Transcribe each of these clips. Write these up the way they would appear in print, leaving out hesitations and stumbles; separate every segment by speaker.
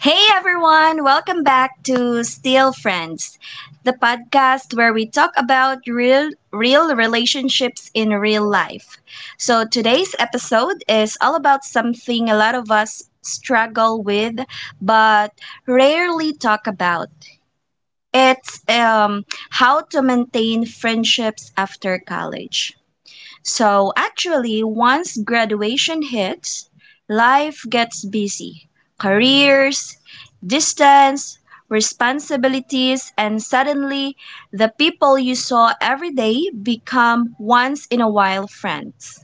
Speaker 1: Hey everyone, welcome back to Still Friends, the podcast where we talk about real relationships in real life. So today's episode is all about something a lot of us struggle with but rarely talk about. It's how to maintain friendships after college. So actually, once graduation hits, life gets busy. Careers, distance, responsibilities, and suddenly the people you saw every day become once in a while friends.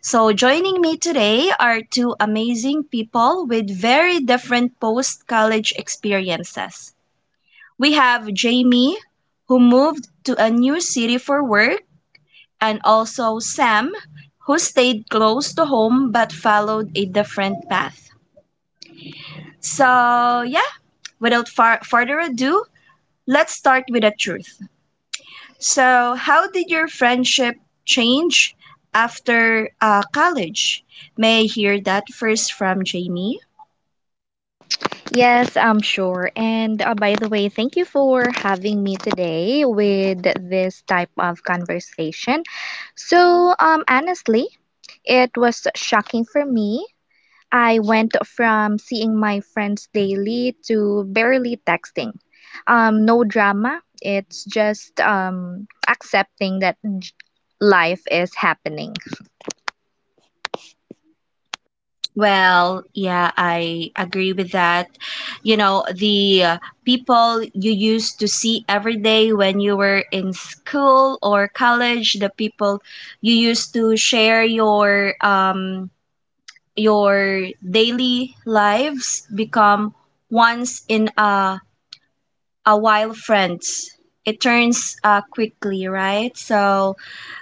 Speaker 1: So, joining me today are two amazing people with very different post college experiences. We have Jamie, who moved to a new city for work, and also Sam, who stayed close to home but followed a different path. So, yeah, without further ado, let's start with the truth. So, how did your friendship change after college? May I hear that first from Jamie?
Speaker 2: Yes, I'm sure. And by the way, thank you for having me today with this type of conversation. Honestly, it was shocking for me. I went from seeing my friends daily to barely texting. No drama. It's just accepting that life is happening.
Speaker 1: Well, yeah, I agree with that. You know, the people you used to see every day when you were in school or college, the people you used to share your daily lives become once in a while friends. It turns quickly, right? So,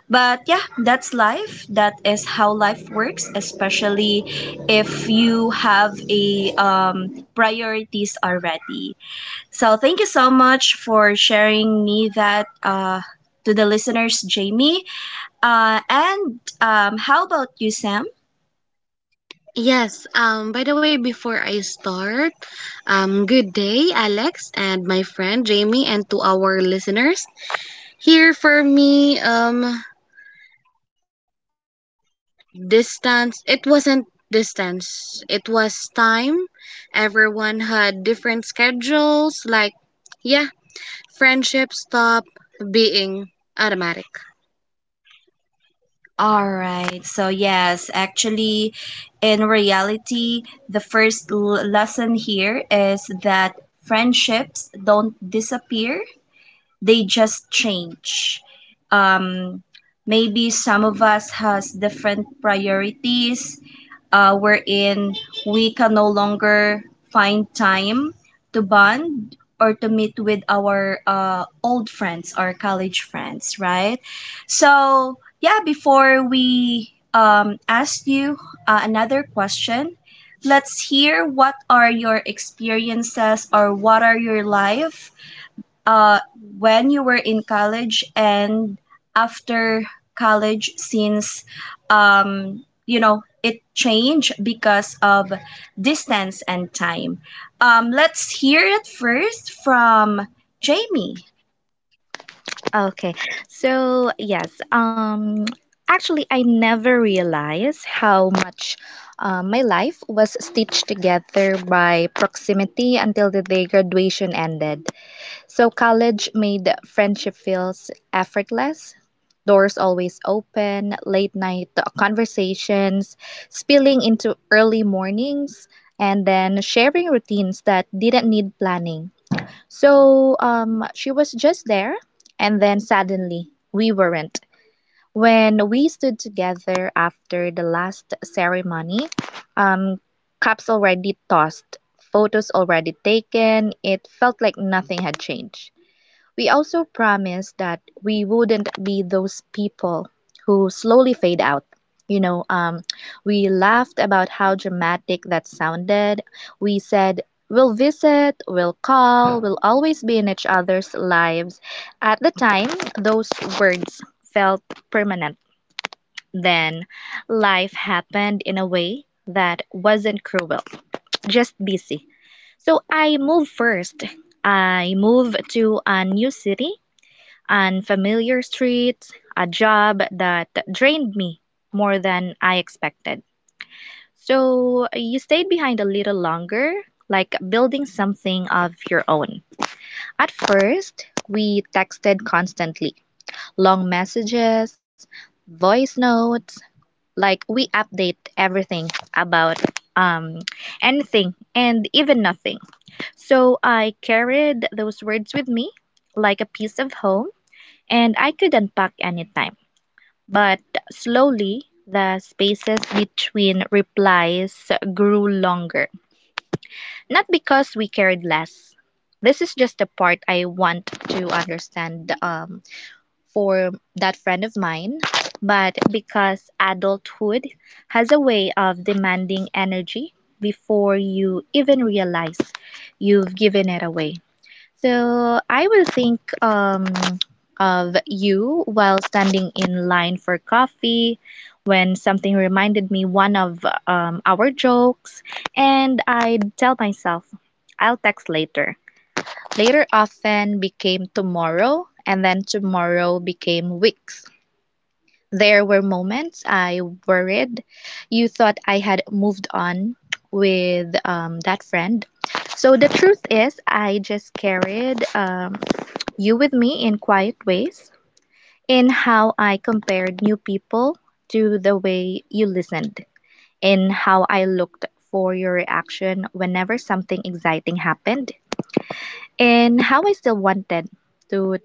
Speaker 1: but yeah, that's life. That is how life works, especially if you have a priorities already. So thank you so much for sharing me that, to the listeners, Jamie. And how about you, Sam?
Speaker 3: Yes, by the way, before I start, good day, Alex and my friend Jamie, and to our listeners. Here for me, it wasn't distance, it was time. Everyone had different schedules, like, yeah, friendship stopped being automatic.
Speaker 1: All right. So yes, actually, in reality, the first lesson here is that friendships don't disappear, they just change. Um, Maybe some of us has different priorities, wherein we can no longer find time to bond or to meet with our old friends or college friends, right? So yeah, before we ask you another question, let's hear what are your experiences or what are your life, uh, when you were in college and after college, since you know it changed because of distance and time. Let's hear it first from Jamie.
Speaker 2: Okay. So, yes, um Actually, I never realized how much my life was stitched together by proximity until the day graduation ended. So college made friendship feels effortless. Doors always open, late night conversations spilling into early mornings, and then sharing routines that didn't need planning. So she was just there, and then suddenly we weren't. When we stood together after the last ceremony, um, cups already tossed, photos already taken, it felt like nothing had changed. We also promised that we wouldn't be those people who slowly fade out. You know, um, we laughed about how dramatic that sounded. We said, we'll visit, we'll call, we'll always be in each other's lives. At the time, those words felt permanent. Then life happened in a way that wasn't cruel, just busy. So I moved first. I moved to a new city, unfamiliar streets, a job that drained me more than I expected. So you stayed behind a little longer, like building something of your own. At first, we texted constantly, long messages, voice notes, like we update everything about um anything and even nothing. So I carried those words with me like a piece of home, and I could unpack anytime. But slowly, the spaces between replies grew longer. Not because we cared less. This is just the part I want to understand, for that friend of mine, but because adulthood has a way of demanding energy before you even realize you've given it away. So I will think of you while standing in line for coffee when something reminded me one of our jokes, and I'd tell myself, I'll text later. Later often became tomorrow, and then tomorrow became weeks. There were moments I worried. You thought I had moved on with that friend. So the truth is, I just carried, you with me in quiet ways, in how I compared new people to the way you listened, in how I looked for your reaction whenever something exciting happened, and how I still wanted to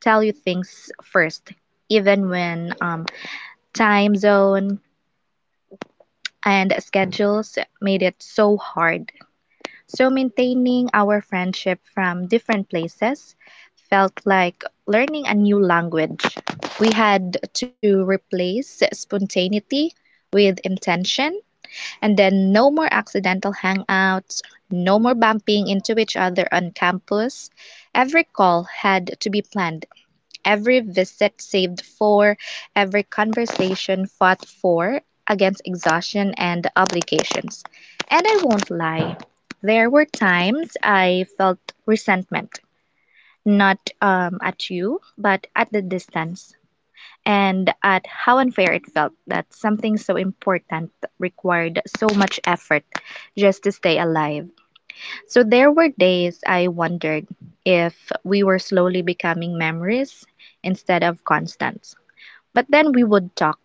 Speaker 2: tell you things first, even when time zone and schedules made it so hard. So maintaining our friendship from different places felt like learning a new language. We had to replace spontaneity with intention, and then no more accidental hangouts, no more bumping into each other on campus. Every call had to be planned. Every visit saved for, every conversation fought for, against exhaustion and obligations. And I won't lie, there were times I felt resentment, not, at you, but at the distance. And at how unfair it felt that something so important required so much effort just to stay alive. So there were days I wondered if we were slowly becoming memories instead of constants. But then we would talk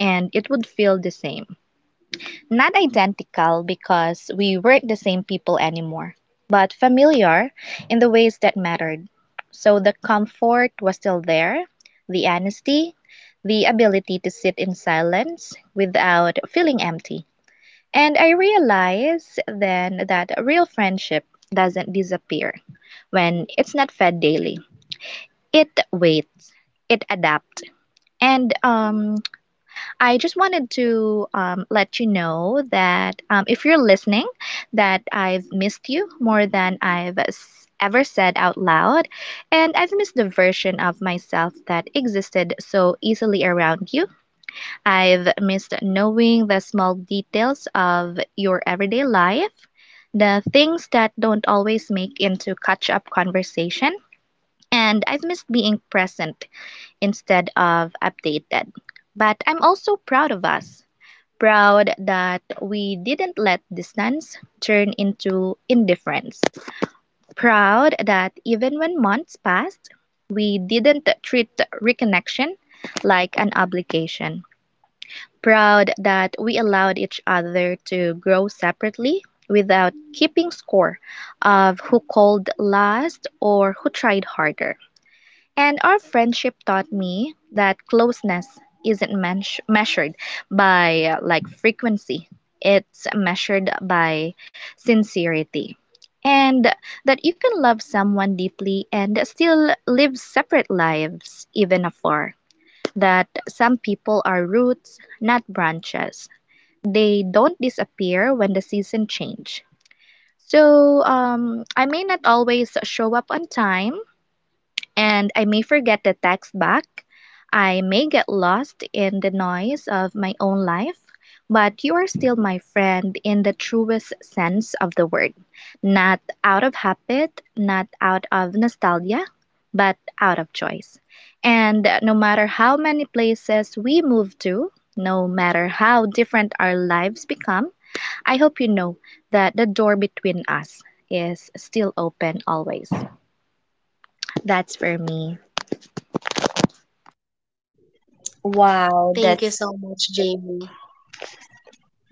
Speaker 2: and it would feel the same. Not identical because we weren't the same people anymore, but familiar in the ways that mattered. So the comfort was still there, the honesty, the ability to sit in silence without feeling empty. And I realized then that real friendship doesn't disappear when it's not fed daily. It waits, it adapts. And I just wanted to, let you know that, if you're listening, that I've missed you more than I've ever said out loud. And I've missed the version of myself that existed so easily around you. I've missed knowing the small details of your everyday life, the things that don't always make into catch up conversation, and I've missed being present instead of updated. But I'm also proud of us, proud that we didn't let distance turn into indifference, proud that even when months passed, we didn't treat reconnection like an obligation, proud that we allowed each other to grow separately without keeping score of who called last or who tried harder. And our friendship taught me that closeness isn't measured by like frequency, it's measured by sincerity. And that you can love someone deeply and still live separate lives, even afar. That some people are roots, not branches. They don't disappear when the season change. So I may not always show up on time, and I may forget to text back. I may get lost in the noise of my own life, but you are still my friend in the truest sense of the word. Not out of habit, not out of nostalgia, but out of choice. And no matter how many places we move to, no matter how different our lives become, I hope you know that the door between us is still open always. That's for me.
Speaker 1: Wow,
Speaker 3: Thank you
Speaker 1: that's
Speaker 3: so much, Jamie.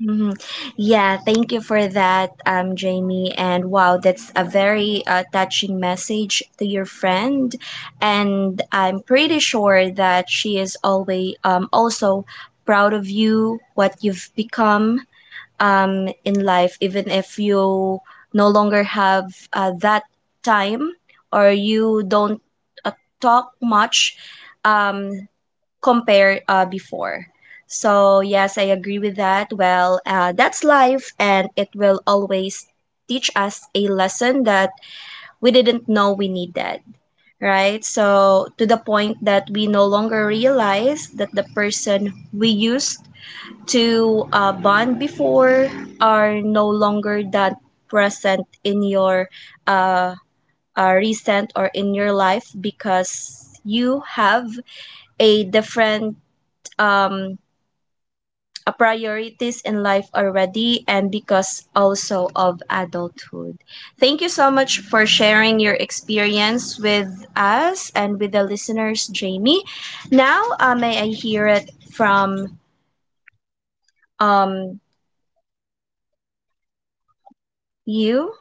Speaker 1: hmm yeah, thank you for that, Jamie. And wow, that's a very touching message to your friend. And I'm pretty sure that she is always, also proud of you, what you've become, in life, even if you no longer have that time or you don't uh, talk much. Um, Compare before. So, yes, I agree with that. Well, that's life, and it will always teach us a lesson that we didn't know we needed, right? So, to the point that we no longer realize that the person we used to bond before are no longer that present in your uh, recent or in your life because you have a different, um, priorities in life already and because also of adulthood. Thank you so much for sharing your experience with us and with the listeners, Jamie. Now, may I hear it from, um, you?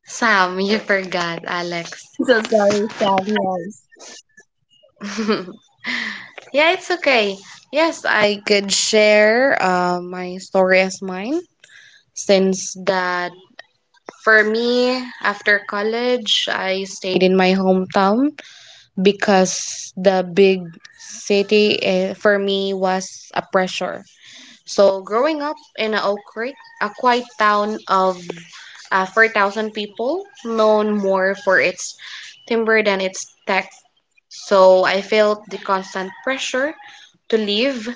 Speaker 3: Sam, you forgot, Alex.
Speaker 1: I'm so sorry, Samuel.
Speaker 3: Yeah, it's okay. Yes, I could share my story as mine since that for me after college I stayed in my hometown because the big city eh, for me was a pressure. So growing up in a Oak Creek, a quiet town of 4,000 people, known more for its timber than its tech, so I felt the constant pressure to leave.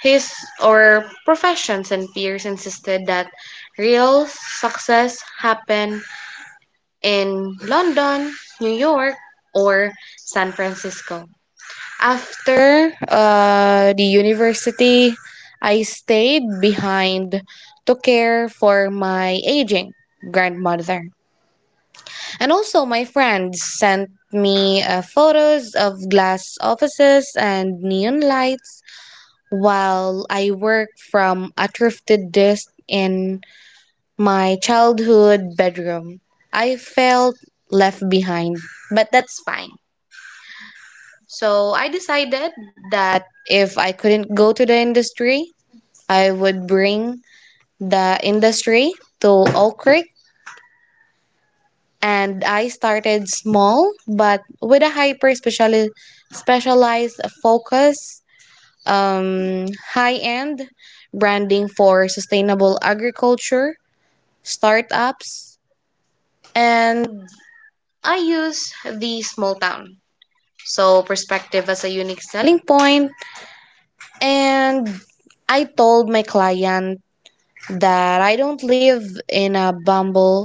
Speaker 3: His or professions and peers insisted that real success happened in London, New York, or San Francisco. After the university, I stayed behind to care for my aging grandmother. And also, my friends sent me photos of glass offices and neon lights while I work from a thrifted desk in my childhood bedroom. I felt left behind, but that's fine. So I decided that if I couldn't go to the industry, I would bring the industry to Oak Creek. And I started small, but with a specialized focus, high end, branding for sustainable agriculture, startups, and I use the small town. So, perspective as a unique selling point. And I told my client that I don't live in a bumble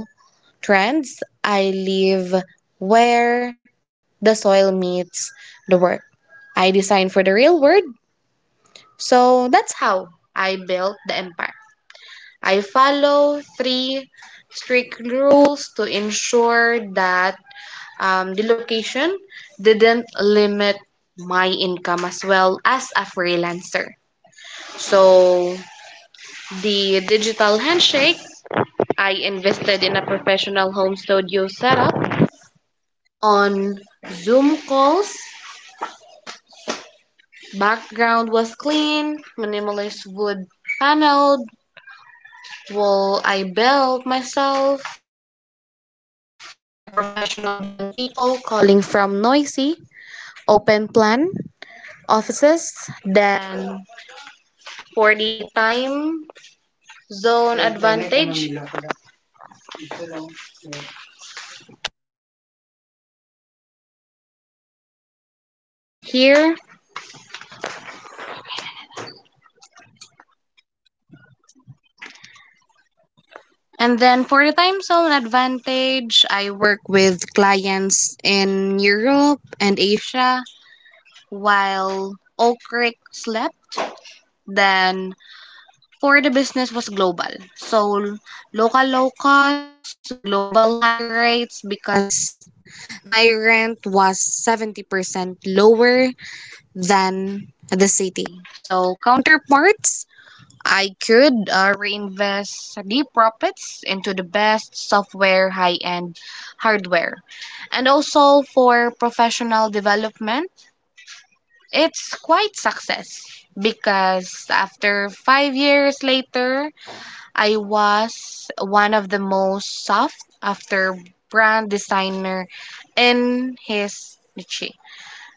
Speaker 3: trends, I live where the soil meets the work. I design for the real world. So, that's how I built the empire. I follow three strict rules to ensure that the location didn't limit my income as well as a freelancer. So, the digital handshake, I invested in a professional home studio setup on Zoom calls. Background was clean, minimalist wood paneled wall I built myself, more professional than people calling from noisy, open plan offices than for the time zone advantage here. And then for the time zone advantage, I work with clients in Europe and Asia while Oak Creek slept. Then for the business was global. So local low costs, global high rates because my rent was 70% lower than the city. So, counterparts, I could reinvest the profits into the best software, high end hardware. And also for professional development, it's quite success because after 5 years later, I was one of the most sought after brand designer in his niche.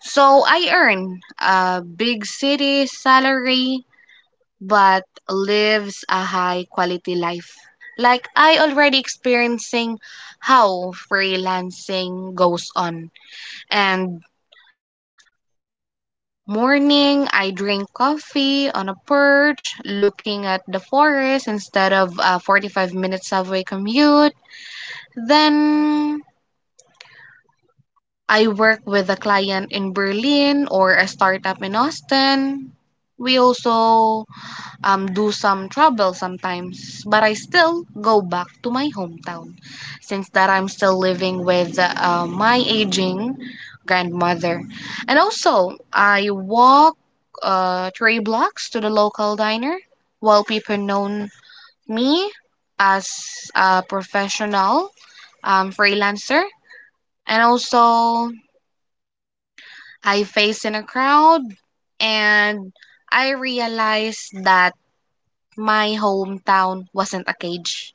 Speaker 3: So I earn a big city salary but lives a high quality life. Like I already experiencing how freelancing goes on. And morning I drink coffee on a perch looking at the forest instead of a 45-minute subway commute. Then I work with a client in Berlin or a startup in Austin. We also do some travel sometimes, but I still go back to my hometown since that I'm still living with my aging grandmother. And also, I walk three blocks to the local diner while people know me as a professional freelancer. And also, I faced in a crowd and I realized that my hometown wasn't a cage.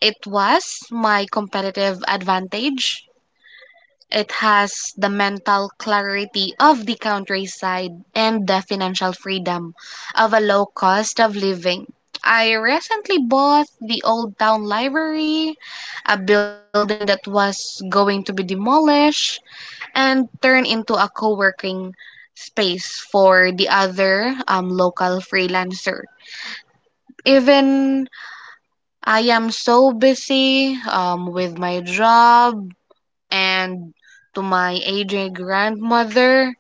Speaker 3: It was my competitive advantage. It has the mental clarity of the countryside and the financial freedom of a low cost of living. I recently bought the old town library, a building that was going to be demolished and turn into a co-working space for the other local freelancer. Even I am so busy with my job and to my aging grandmother,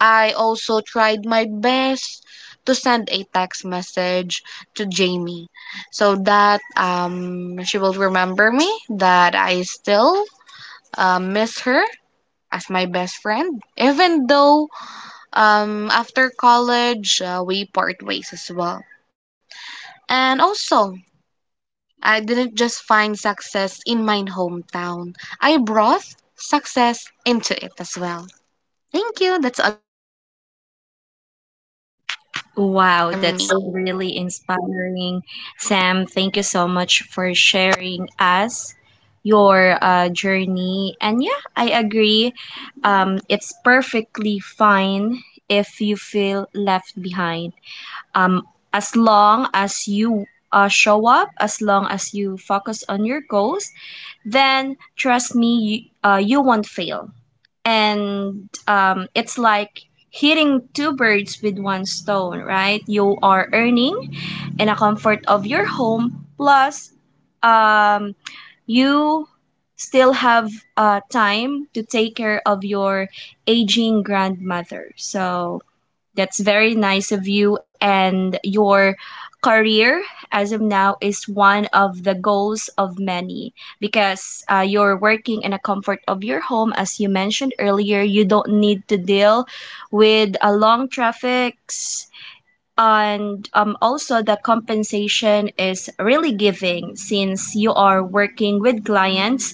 Speaker 3: I also tried my best to send a text message to Jamie so that she will remember me that I still miss her as my best friend, even though um, after college, we part ways as well. And also, I didn't just find success in my hometown, I brought success into it as well. Thank you. That's all for me.
Speaker 1: Wow, that's really inspiring. Sam, thank you so much for sharing us your journey. And yeah, I agree. It's perfectly fine if you feel left behind. Um, as long as you show up, as long as you focus on your goals, then trust me, you won't fail, and it's like hitting two birds with one stone, right? You are earning in a comfort of your home, plus um, you still have time to take care of your aging grandmother. So that's very nice of you. And your career as of now is one of the goals of many, because you're working in a comfort of your home. As you mentioned earlier, you don't need to deal with a long traffics. And also, the
Speaker 3: Yes.
Speaker 1: compensation is really giving since you are working with clients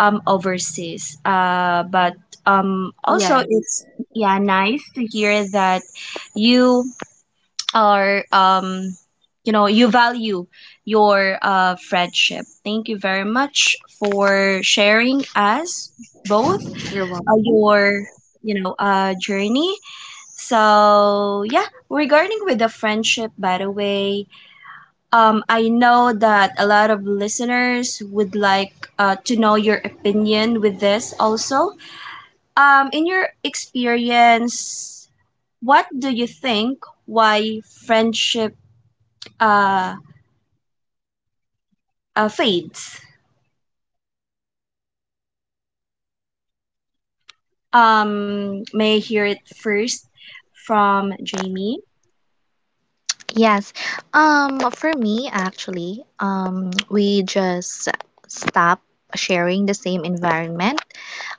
Speaker 1: overseas. But also,
Speaker 3: Yes.
Speaker 1: it's yeah, nice to hear that you are you value your friendship. Thank you very much for sharing us both,
Speaker 3: You're welcome.
Speaker 1: your journey. So yeah, regarding with the friendship, by the way, I know that a lot of listeners would like to know your opinion with this also. In your experience, what do you think why friendship uh, fades? May I hear it first from Jamie?
Speaker 2: Yes. For me, actually, we just stop sharing the same environment.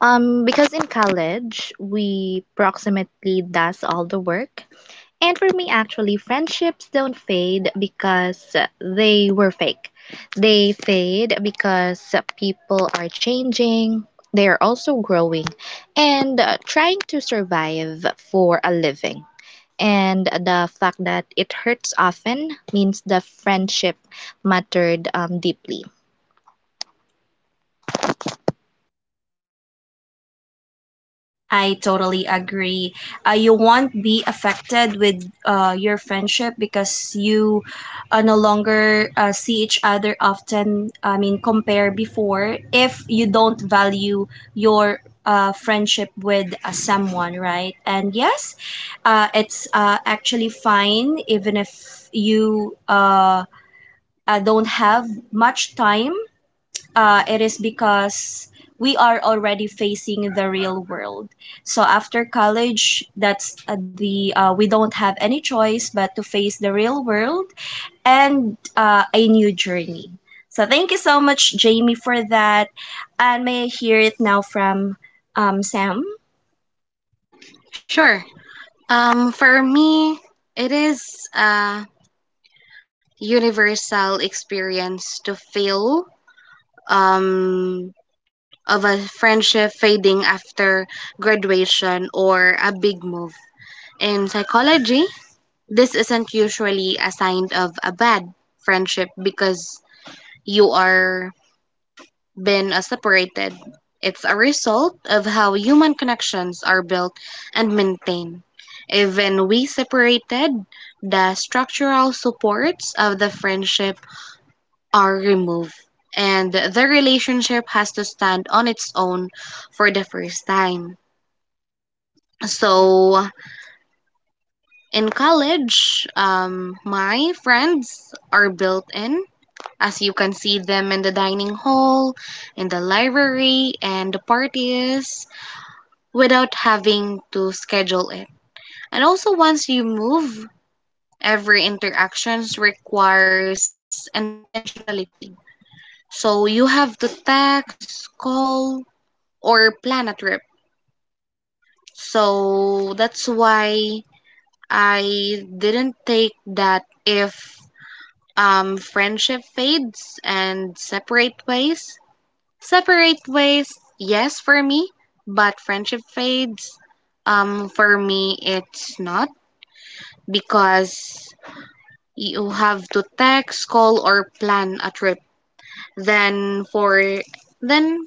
Speaker 2: Because in college, we approximately does all the work. And for me, actually, friendships don't fade because they were fake. They fade because people are changing. They are also growing and trying to survive for a living. And the fact that it hurts often means the friendship mattered, deeply.
Speaker 1: I totally agree. You won't be affected with your friendship because you no longer see each other often. I mean, compare before if you don't value your friendship with someone, right? And yes, it's actually fine even if you don't have much time, it is because we are already facing the real world. So after college, that's the we don't have any choice but to face the real world and, a new journey. So thank you so much, Jamie, for that. And may I hear it now from, Sam?
Speaker 3: Sure. For me, it is a universal experience to feel um, of a friendship fading after graduation or a big move. In psychology, this isn't usually a sign of a bad friendship because you are been separated. It's a result of how human connections are built and maintained. Even we separated, the structural supports of the friendship are removed, and the relationship has to stand on its own for the first time. So, in college, my friends are built in, as you can see them in the dining hall, in the library, and the parties without having to schedule it. And also, once you move, every interactions requires intentionality. So you have to text, call, or plan a trip. So that's why I didn't take that if friendship fades and separate ways. Separate ways, yes, for me, but friendship fades. For me, it's not because you have to text, call, or plan a trip. Then for then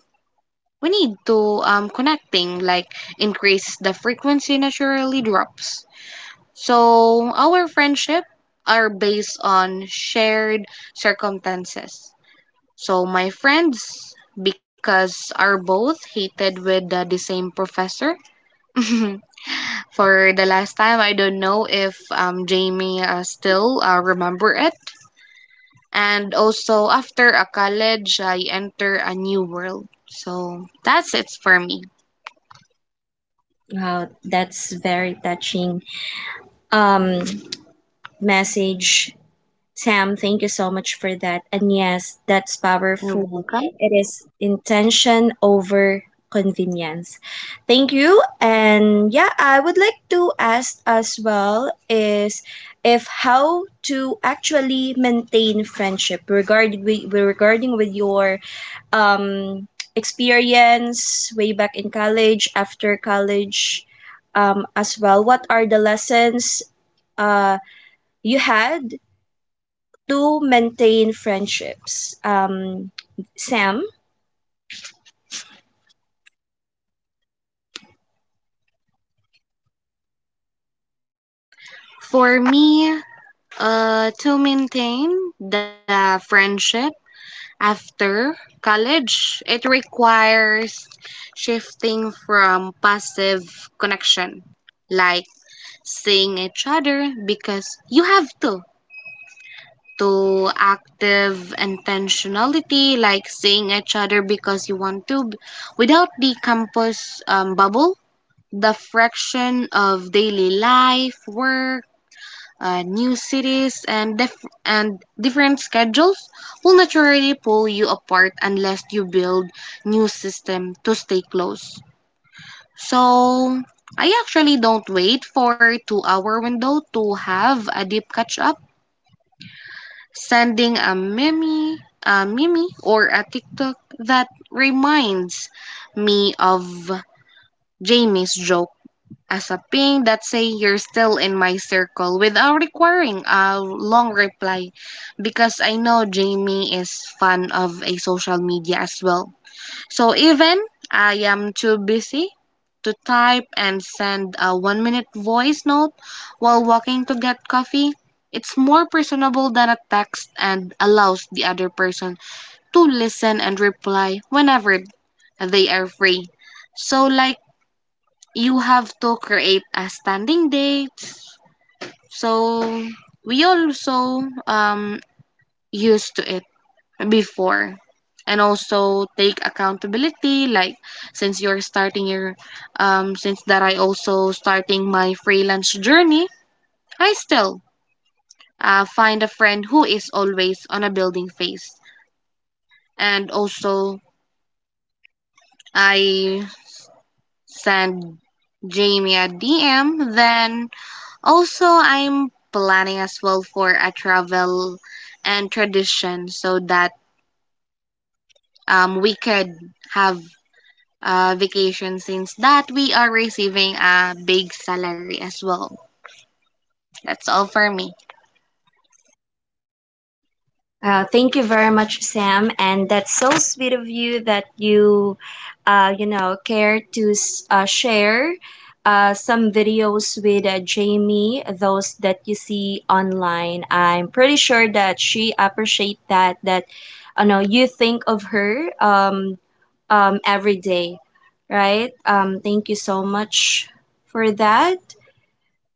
Speaker 3: we need to connecting like increase the frequency naturally drops. So our friendship are based on shared circumstances. So, my friends, because are both hated with the same professor. For the last time, I don't know if Jamie still remember it. And also, after a college, I enter a new world. So that's it for me.
Speaker 1: Wow, that's very touching um, message. Sam, thank you so much for that. And yes, that's
Speaker 3: You're
Speaker 1: powerful.
Speaker 3: welcome.
Speaker 1: It is intention over convenience. Thank you. And yeah, I would like to ask as well is if how to actually maintain friendship, regarding with your um experience way back in college, after college, as well. What are the lessons uh you had to maintain friendships. Sam,
Speaker 3: For me, to maintain the friendship after college. It requires shifting from passive connection, like seeing each other because you have to active intentionality, like seeing each other because you want to, without the campus bubble. The fraction of daily life, work, new cities and different schedules will naturally pull you apart unless you build new system to stay close. So I actually don't wait for a 2 hour window to have a deep catch up. Sending a meme or a TikTok that reminds me of Jamie's joke as a ping that say you're still in my circle without requiring a long reply because I know Jamie is fan of a social media as well. So even I am too busy to type and send a 1 minute voice note while walking to get coffee, it's more personable than a text and allows the other person to listen and reply whenever they are free. So, like, you have to create a standing date. So we also used to it before and also take accountability like since you're starting your since that I also starting my freelance journey, I still find a friend who is always on a building phase. And also I send Jamie a DM. Then also, I'm planning as well for a travel and tradition so that we could have a vacation since that we are receiving a big salary as well. That's all for me.
Speaker 1: Thank you very much, Sam, and that's so sweet of you that you, care to share some videos with Jamie, those that you see online. I'm pretty sure that she appreciate that you think of her, every day, right? Thank you so much for that.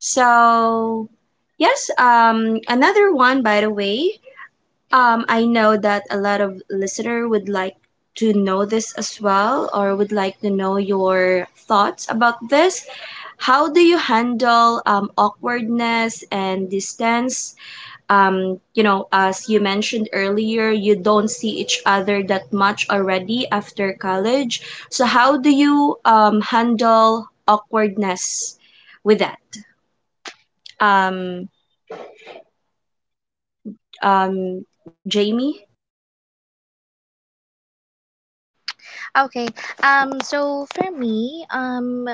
Speaker 1: So, yes, another one, by the way. I know that a lot of listener would like to know this as well, or would like to know your thoughts about this. How do you handle awkwardness and distance? As you mentioned earlier, you don't see each other that much already after college. So, how do you handle awkwardness with that? Um, Jamie.
Speaker 2: Okay. So for me,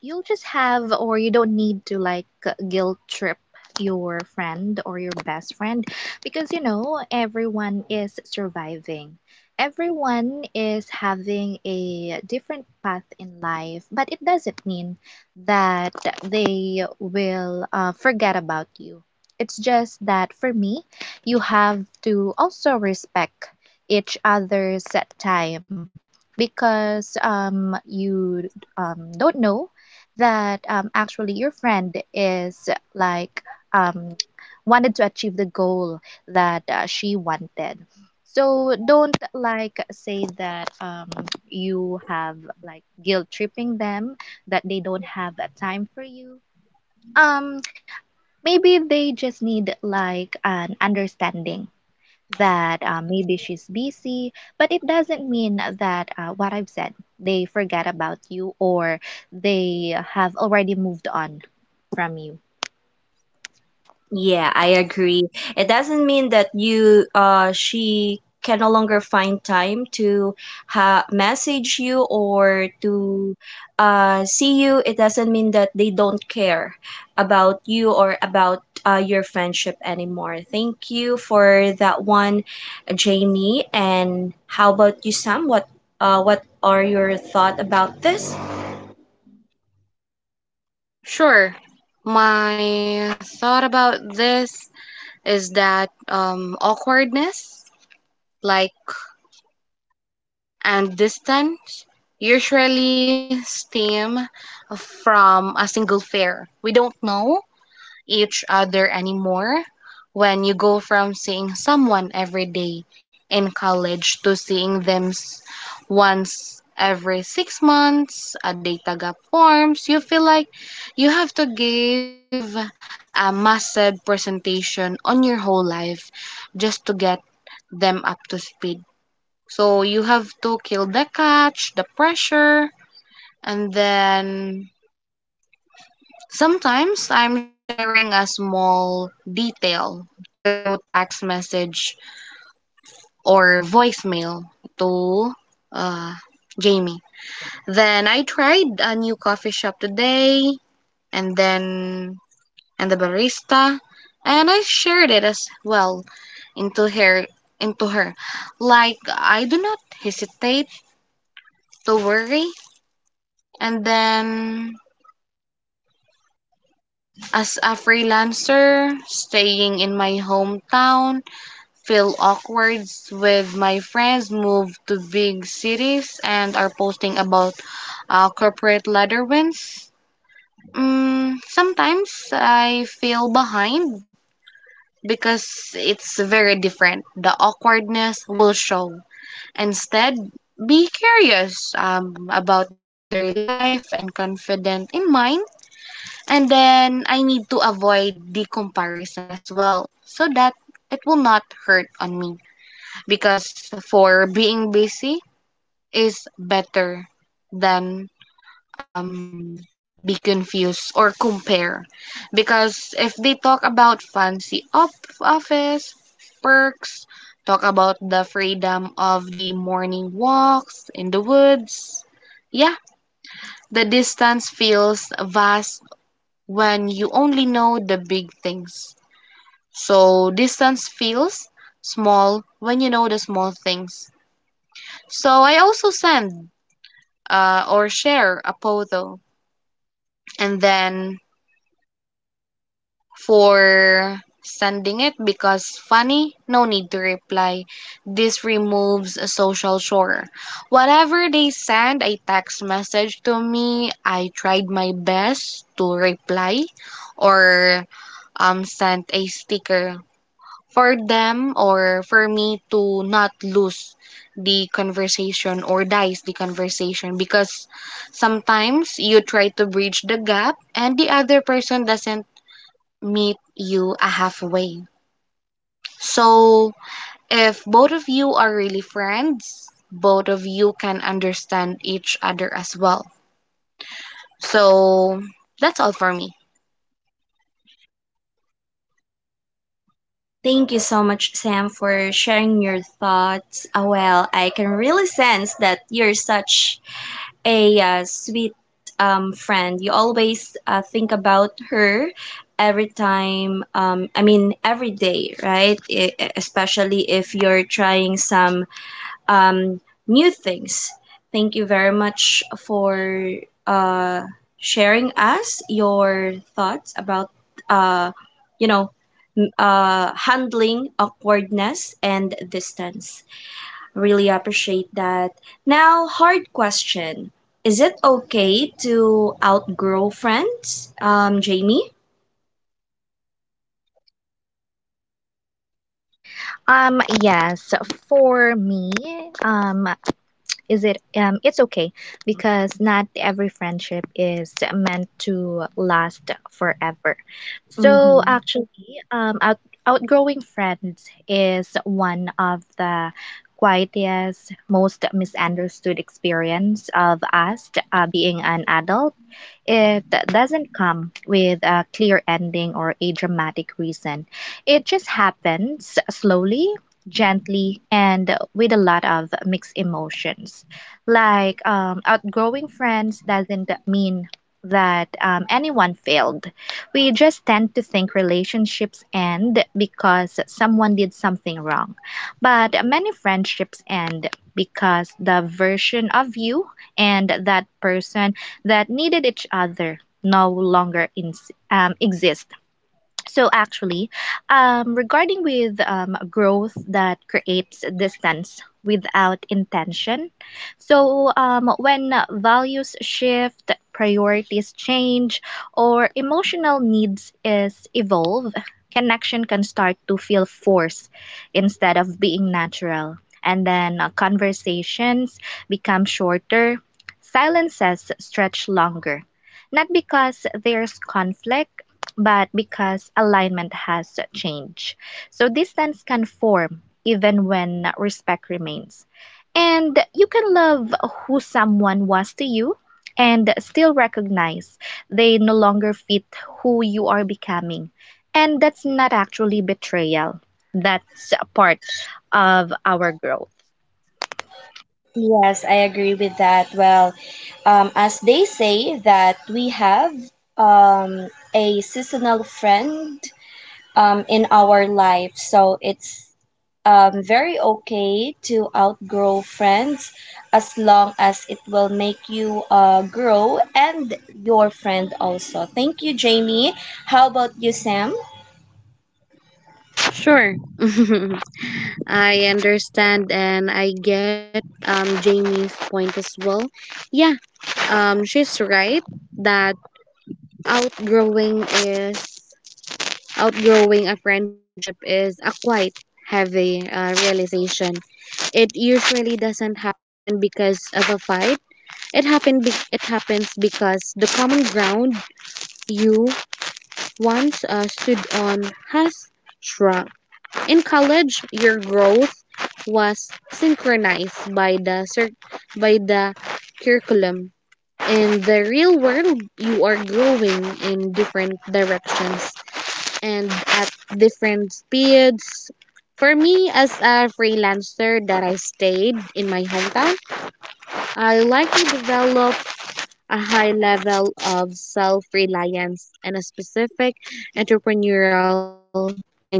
Speaker 2: you will just have or you don't need to like guilt trip your friend or your best friend, because you know everyone is surviving, everyone is having a different path in life, but it doesn't mean that they will forget about you. It's just that for me, you have to also respect each other's time, because you don't know that, actually your friend is like, um, wanted to achieve the goal that she wanted. So don't like say that, you have like guilt tripping them that they don't have that time for you. Um, maybe they just need like an understanding that maybe she's busy, but it doesn't mean that, what I've said, they forget about you or they have already moved on from you.
Speaker 1: Yeah, I agree. It doesn't mean that you, she can no longer find time to message you or to see you. It doesn't mean that they don't care about you or about your friendship anymore. Thank you for that one, Jamie. And how about you, Sam? What are your thought about this?
Speaker 3: Sure. My thought about this is that awkwardness, like, and distance usually stem from a single fare. We don't know each other anymore. When you go from seeing someone every day in college to seeing them once every 6 months, a data gap forms, you feel like you have to give a massive presentation on your whole life just to get them up to speed. So you have to kill the catch, the pressure, and then sometimes I'm sharing a small detail through text message or voicemail to uh, Jamie. Then I tried a new coffee shop today, and then and the barista, and I shared it as well into her into her. Like I do not hesitate to worry. And then as a freelancer staying in my hometown feel awkward with my friends move to big cities and are posting about corporate ladder wins. Mm, sometimes I feel behind because it's very different. The awkwardness will show. Instead, be curious about their life and confident in mine. And then I need to avoid the comparison as well so that it will not hurt on me because for being busy is better than um be confused or compare because if they talk about office perks, talk about the freedom of the morning walks in the woods, yeah, the distance feels vast when you only know the big things. So distance feels small when you know the small things. So I also send or share a photo. And then for sending it because funny, no need to reply. This removes a social chore. Whatever they send a text message to me, I tried my best to reply or sent a sticker for them or for me to not lose the conversation or dice the conversation because sometimes you try to bridge the gap and the other person doesn't meet you a halfway. So if both of you are really friends, both of you can understand each other as well. So that's all for me.
Speaker 1: Thank you so much, Sam, for sharing your thoughts. Well, I can really sense that you're such a sweet friend. You always think about her every time, I mean, every day, right? Especially if you're trying some um, new things. Thank you very much for uh, sharing us your thoughts about, uh, you know, handling awkwardness and distance. Really appreciate that. Now, hard question. Is it okay to outgrow friends, Jamie?
Speaker 2: Yes, for me, um, is it, it's okay because not every friendship is meant to last forever. So
Speaker 1: Mm-hmm.
Speaker 2: actually, outgrowing friends is one of the quietest, most misunderstood experience of us, being an adult. It doesn't come with a clear ending or a dramatic reason. It just happens slowly, gently, and with a lot of mixed emotions. Like outgrowing friends doesn't mean that anyone failed. We just tend to think relationships end because someone did something wrong. But many friendships end because the version of you and that person that needed each other no longer exist. So actually, regarding with growth that creates distance without intention. So when values shift, priorities change, or emotional needs is evolve, connection can start to feel forced instead of being natural. And then conversations become shorter, silences stretch longer, not because there's conflict, but because alignment has changed. So distance can form even when respect remains. And you can love who someone was to you and still recognize they no longer fit who you are becoming. And that's not actually betrayal. That's a part of our growth.
Speaker 1: Yes, I agree with that. Well, as they say that we have, um, a seasonal friend, in our life, so it's very okay to outgrow friends as long as it will make you grow, and your friend also. Thank you, Jamie. How about you, Sam?
Speaker 3: Sure. I understand and I get Jamie's point as well. Yeah, she's right that outgrowing is outgrowing a friendship is a quite heavy realization. It usually doesn't happen because of a fight. It happened. It happens because the common ground you once stood on has shrunk. In college, your growth was synchronized by the cir- by the curriculum. In the real world, you are growing in different directions and at different speeds. For me, as a freelancer that I stayed in my hometown, I like to develop a high level of self reliance and a specific entrepreneurial mindset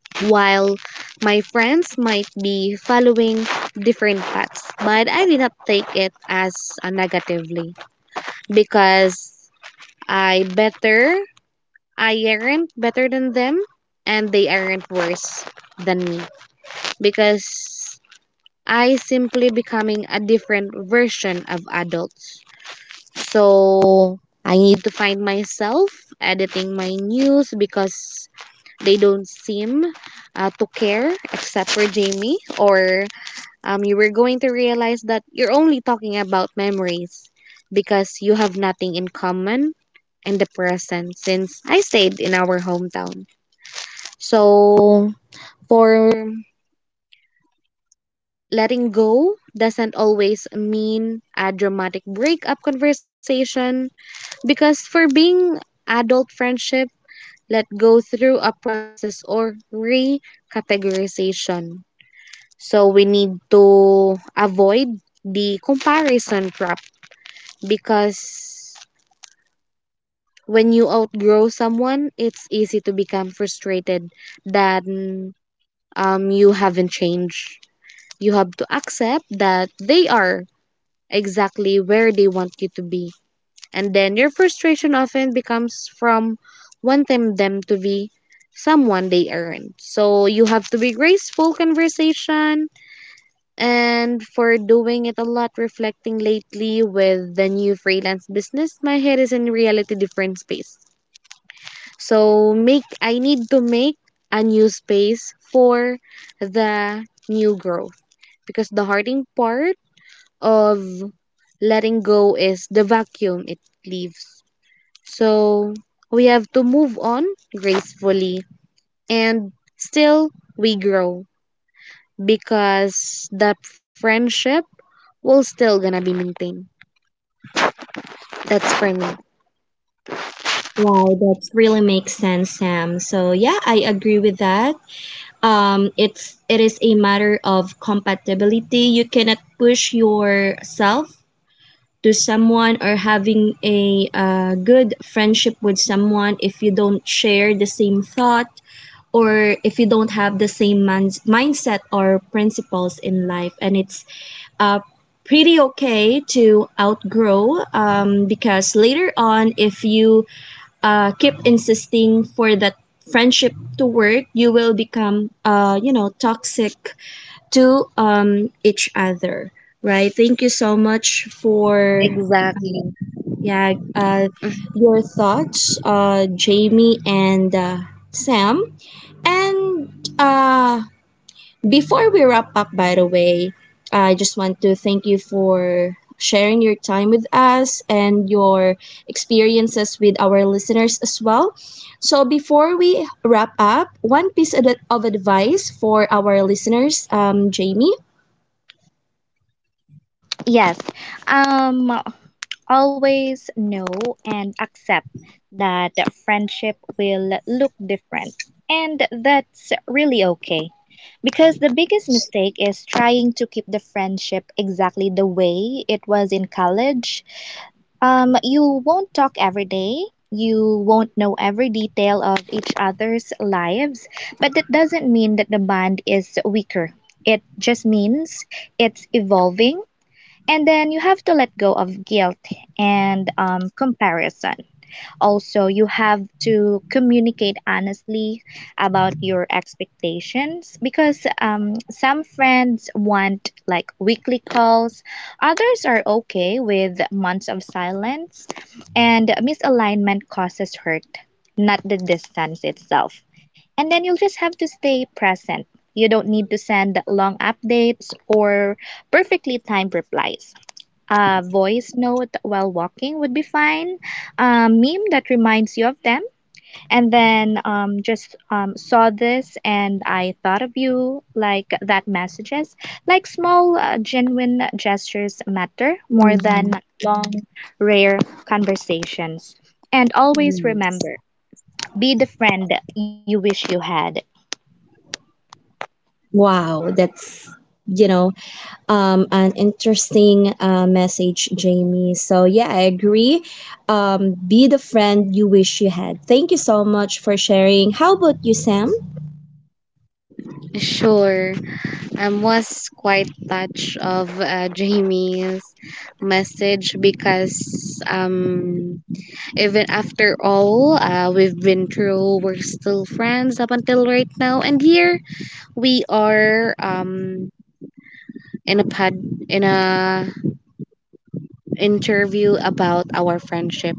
Speaker 3: while my friends might be following different paths. But I did not take it as a negatively because I better, I aren't better than them and they aren't worse than me because I simply becoming a different version of adults. So I need to find myself editing my news because they don't seem to care, except for Jamie, or you were going to realize that you're only talking about memories because you have nothing in common and the present since I stayed in our hometown. So, for letting go doesn't always mean a dramatic breakup conversation because for being adult friendship, let go through a process or recategorization. So we need to avoid the comparison trap because when you outgrow someone, it's easy to become frustrated that you haven't changed. You have to accept that they are exactly where they want you to be. And then your frustration often becomes from wanting them to be someone they aren't. So you have to be graceful conversation, and for doing it a lot reflecting lately with the new freelance business my head is in reality different space, so make I need to make a new space for the new growth because the harding part of letting go is the vacuum it leaves. So we have to move on gracefully and still we grow because that friendship will still gonna be maintained. That's for me.
Speaker 1: It really makes sense, Sam. So, yeah, I agree with that. It is a matter of compatibility. You cannot push yourself to someone or having a good friendship with someone if you don't share the same thought, or if you don't have the same man's mindset or principles in life. And it's uh, pretty okay to outgrow, because later on if you keep insisting for that friendship to work, you will become, toxic to, each other, right? Thank you so much for,
Speaker 3: Exactly.
Speaker 1: yeah uh, your thoughts, Jamie and, Sam, and, uh, before we wrap up, by the way, I just want to thank you for sharing your time with us and your experiences with our listeners as well. So, before we wrap up, one piece of advice for our listeners, Jamie.
Speaker 2: Yes. Um, always know and accept that friendship will look different, and that's really okay. Because the biggest mistake is trying to keep the friendship exactly the way it was in college. You won't talk every day. You won't know every detail of each other's lives, but that doesn't mean that the bond is weaker. It just means it's evolving. And then you have to let go of guilt and, comparison. Also, you have to communicate honestly about your expectations, because some friends want like weekly calls, others are okay with months of silence, and misalignment causes hurt, not the distance itself. And then you'll just have to stay present. You don't need to send long updates or perfectly timed replies. A voice note while walking would be fine. A meme that reminds you of them. And then, just saw this and I thought of you, like that messages. Like small, genuine gestures matter more than
Speaker 1: Mm-hmm.
Speaker 2: long, rare conversations. And always
Speaker 1: Yes.
Speaker 2: remember, be the friend you wish you had.
Speaker 1: Wow, that's, you know, an interesting message, Jamie. So, yeah, I agree. Be the friend you wish you had. Thank you so much for sharing. How about you, Sam?
Speaker 3: Sure. I was quite touched of Jamie's message because even after all we've been through, we're still friends up until right now, and here we are in a pod in a interview about our friendship?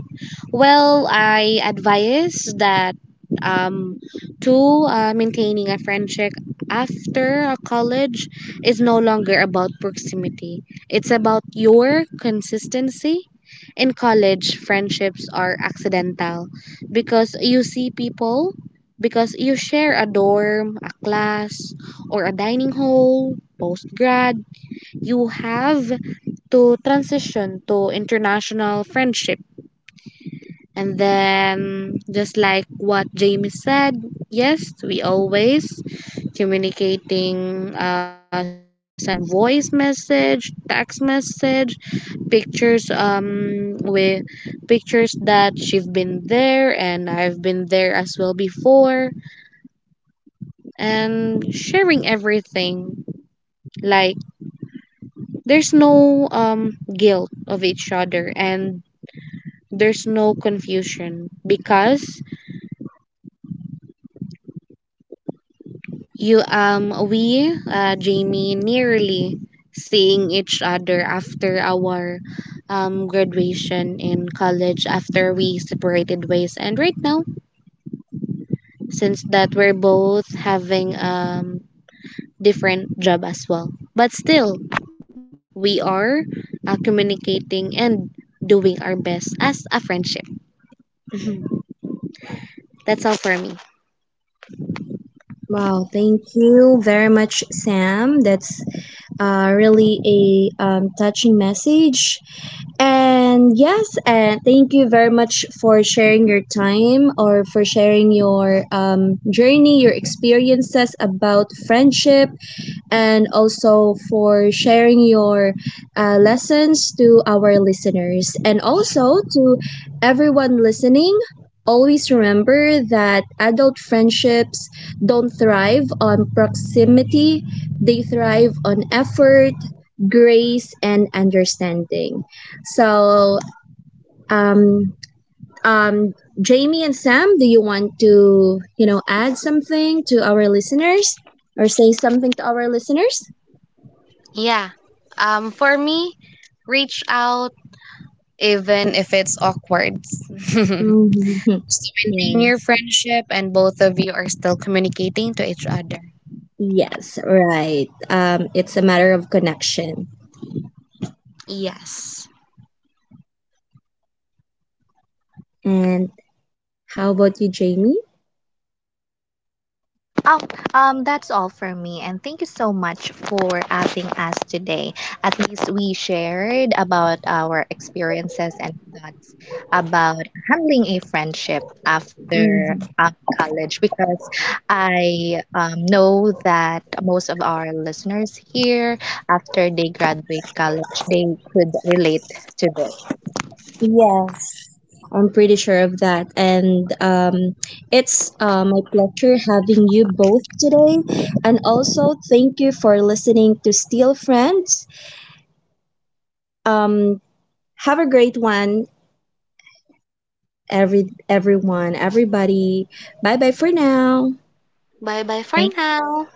Speaker 3: Well, I advise that um, to maintaining a friendship after a college is no longer about proximity. It's about your consistency. In college, friendships are accidental because you see people, because you share a dorm, a class, or a dining hall, post grad. You have to transition to international friendship. And then, just like what Jamie said, yes, we always communicating, sending voice message, text message, pictures, with pictures that she've been there and I've been there as well before, and sharing everything. Like, there's no, guilt of each other, and there's no confusion because you we Jamie nearly seeing each other after our graduation in college after we separated ways and right now since that we're both having different job as well but still we are communicating and doing our best as a friendship. Mhm. That's all for me.
Speaker 1: Wow, thank you very much, Sam. That's really a touching message. And yes, and thank you very much for sharing your time, or for sharing your journey, your experiences about friendship, and also for sharing your lessons to our listeners. And also to everyone listening, always remember that adult friendships don't thrive on proximity, they thrive on effort, grace, and understanding. So, um, um, Jamie and Sam, do you want to, add something to our listeners, or say something to our listeners?
Speaker 3: Yeah, for me, reach out even if it's awkward. So maintain
Speaker 1: Mhm.
Speaker 3: your
Speaker 1: Yes.
Speaker 3: friendship, and both of you are still communicating to each other.
Speaker 1: Yes, right. It's a matter of connection.
Speaker 3: Yes.
Speaker 1: And how about you, Jamie?
Speaker 2: Oh, that's all for me, and thank you so much for having us today. At least we shared about our experiences and thoughts about handling a friendship after
Speaker 1: Hmm.
Speaker 2: college, because I, know that most of our listeners here, after they graduate college, they could relate to this.
Speaker 1: Yes, I'm pretty sure of that. And it's my pleasure having you both today. And also, thank you for listening to Steel Friends. Um, have a great one, everyone, everybody. Bye bye for now.
Speaker 3: Bye bye for now.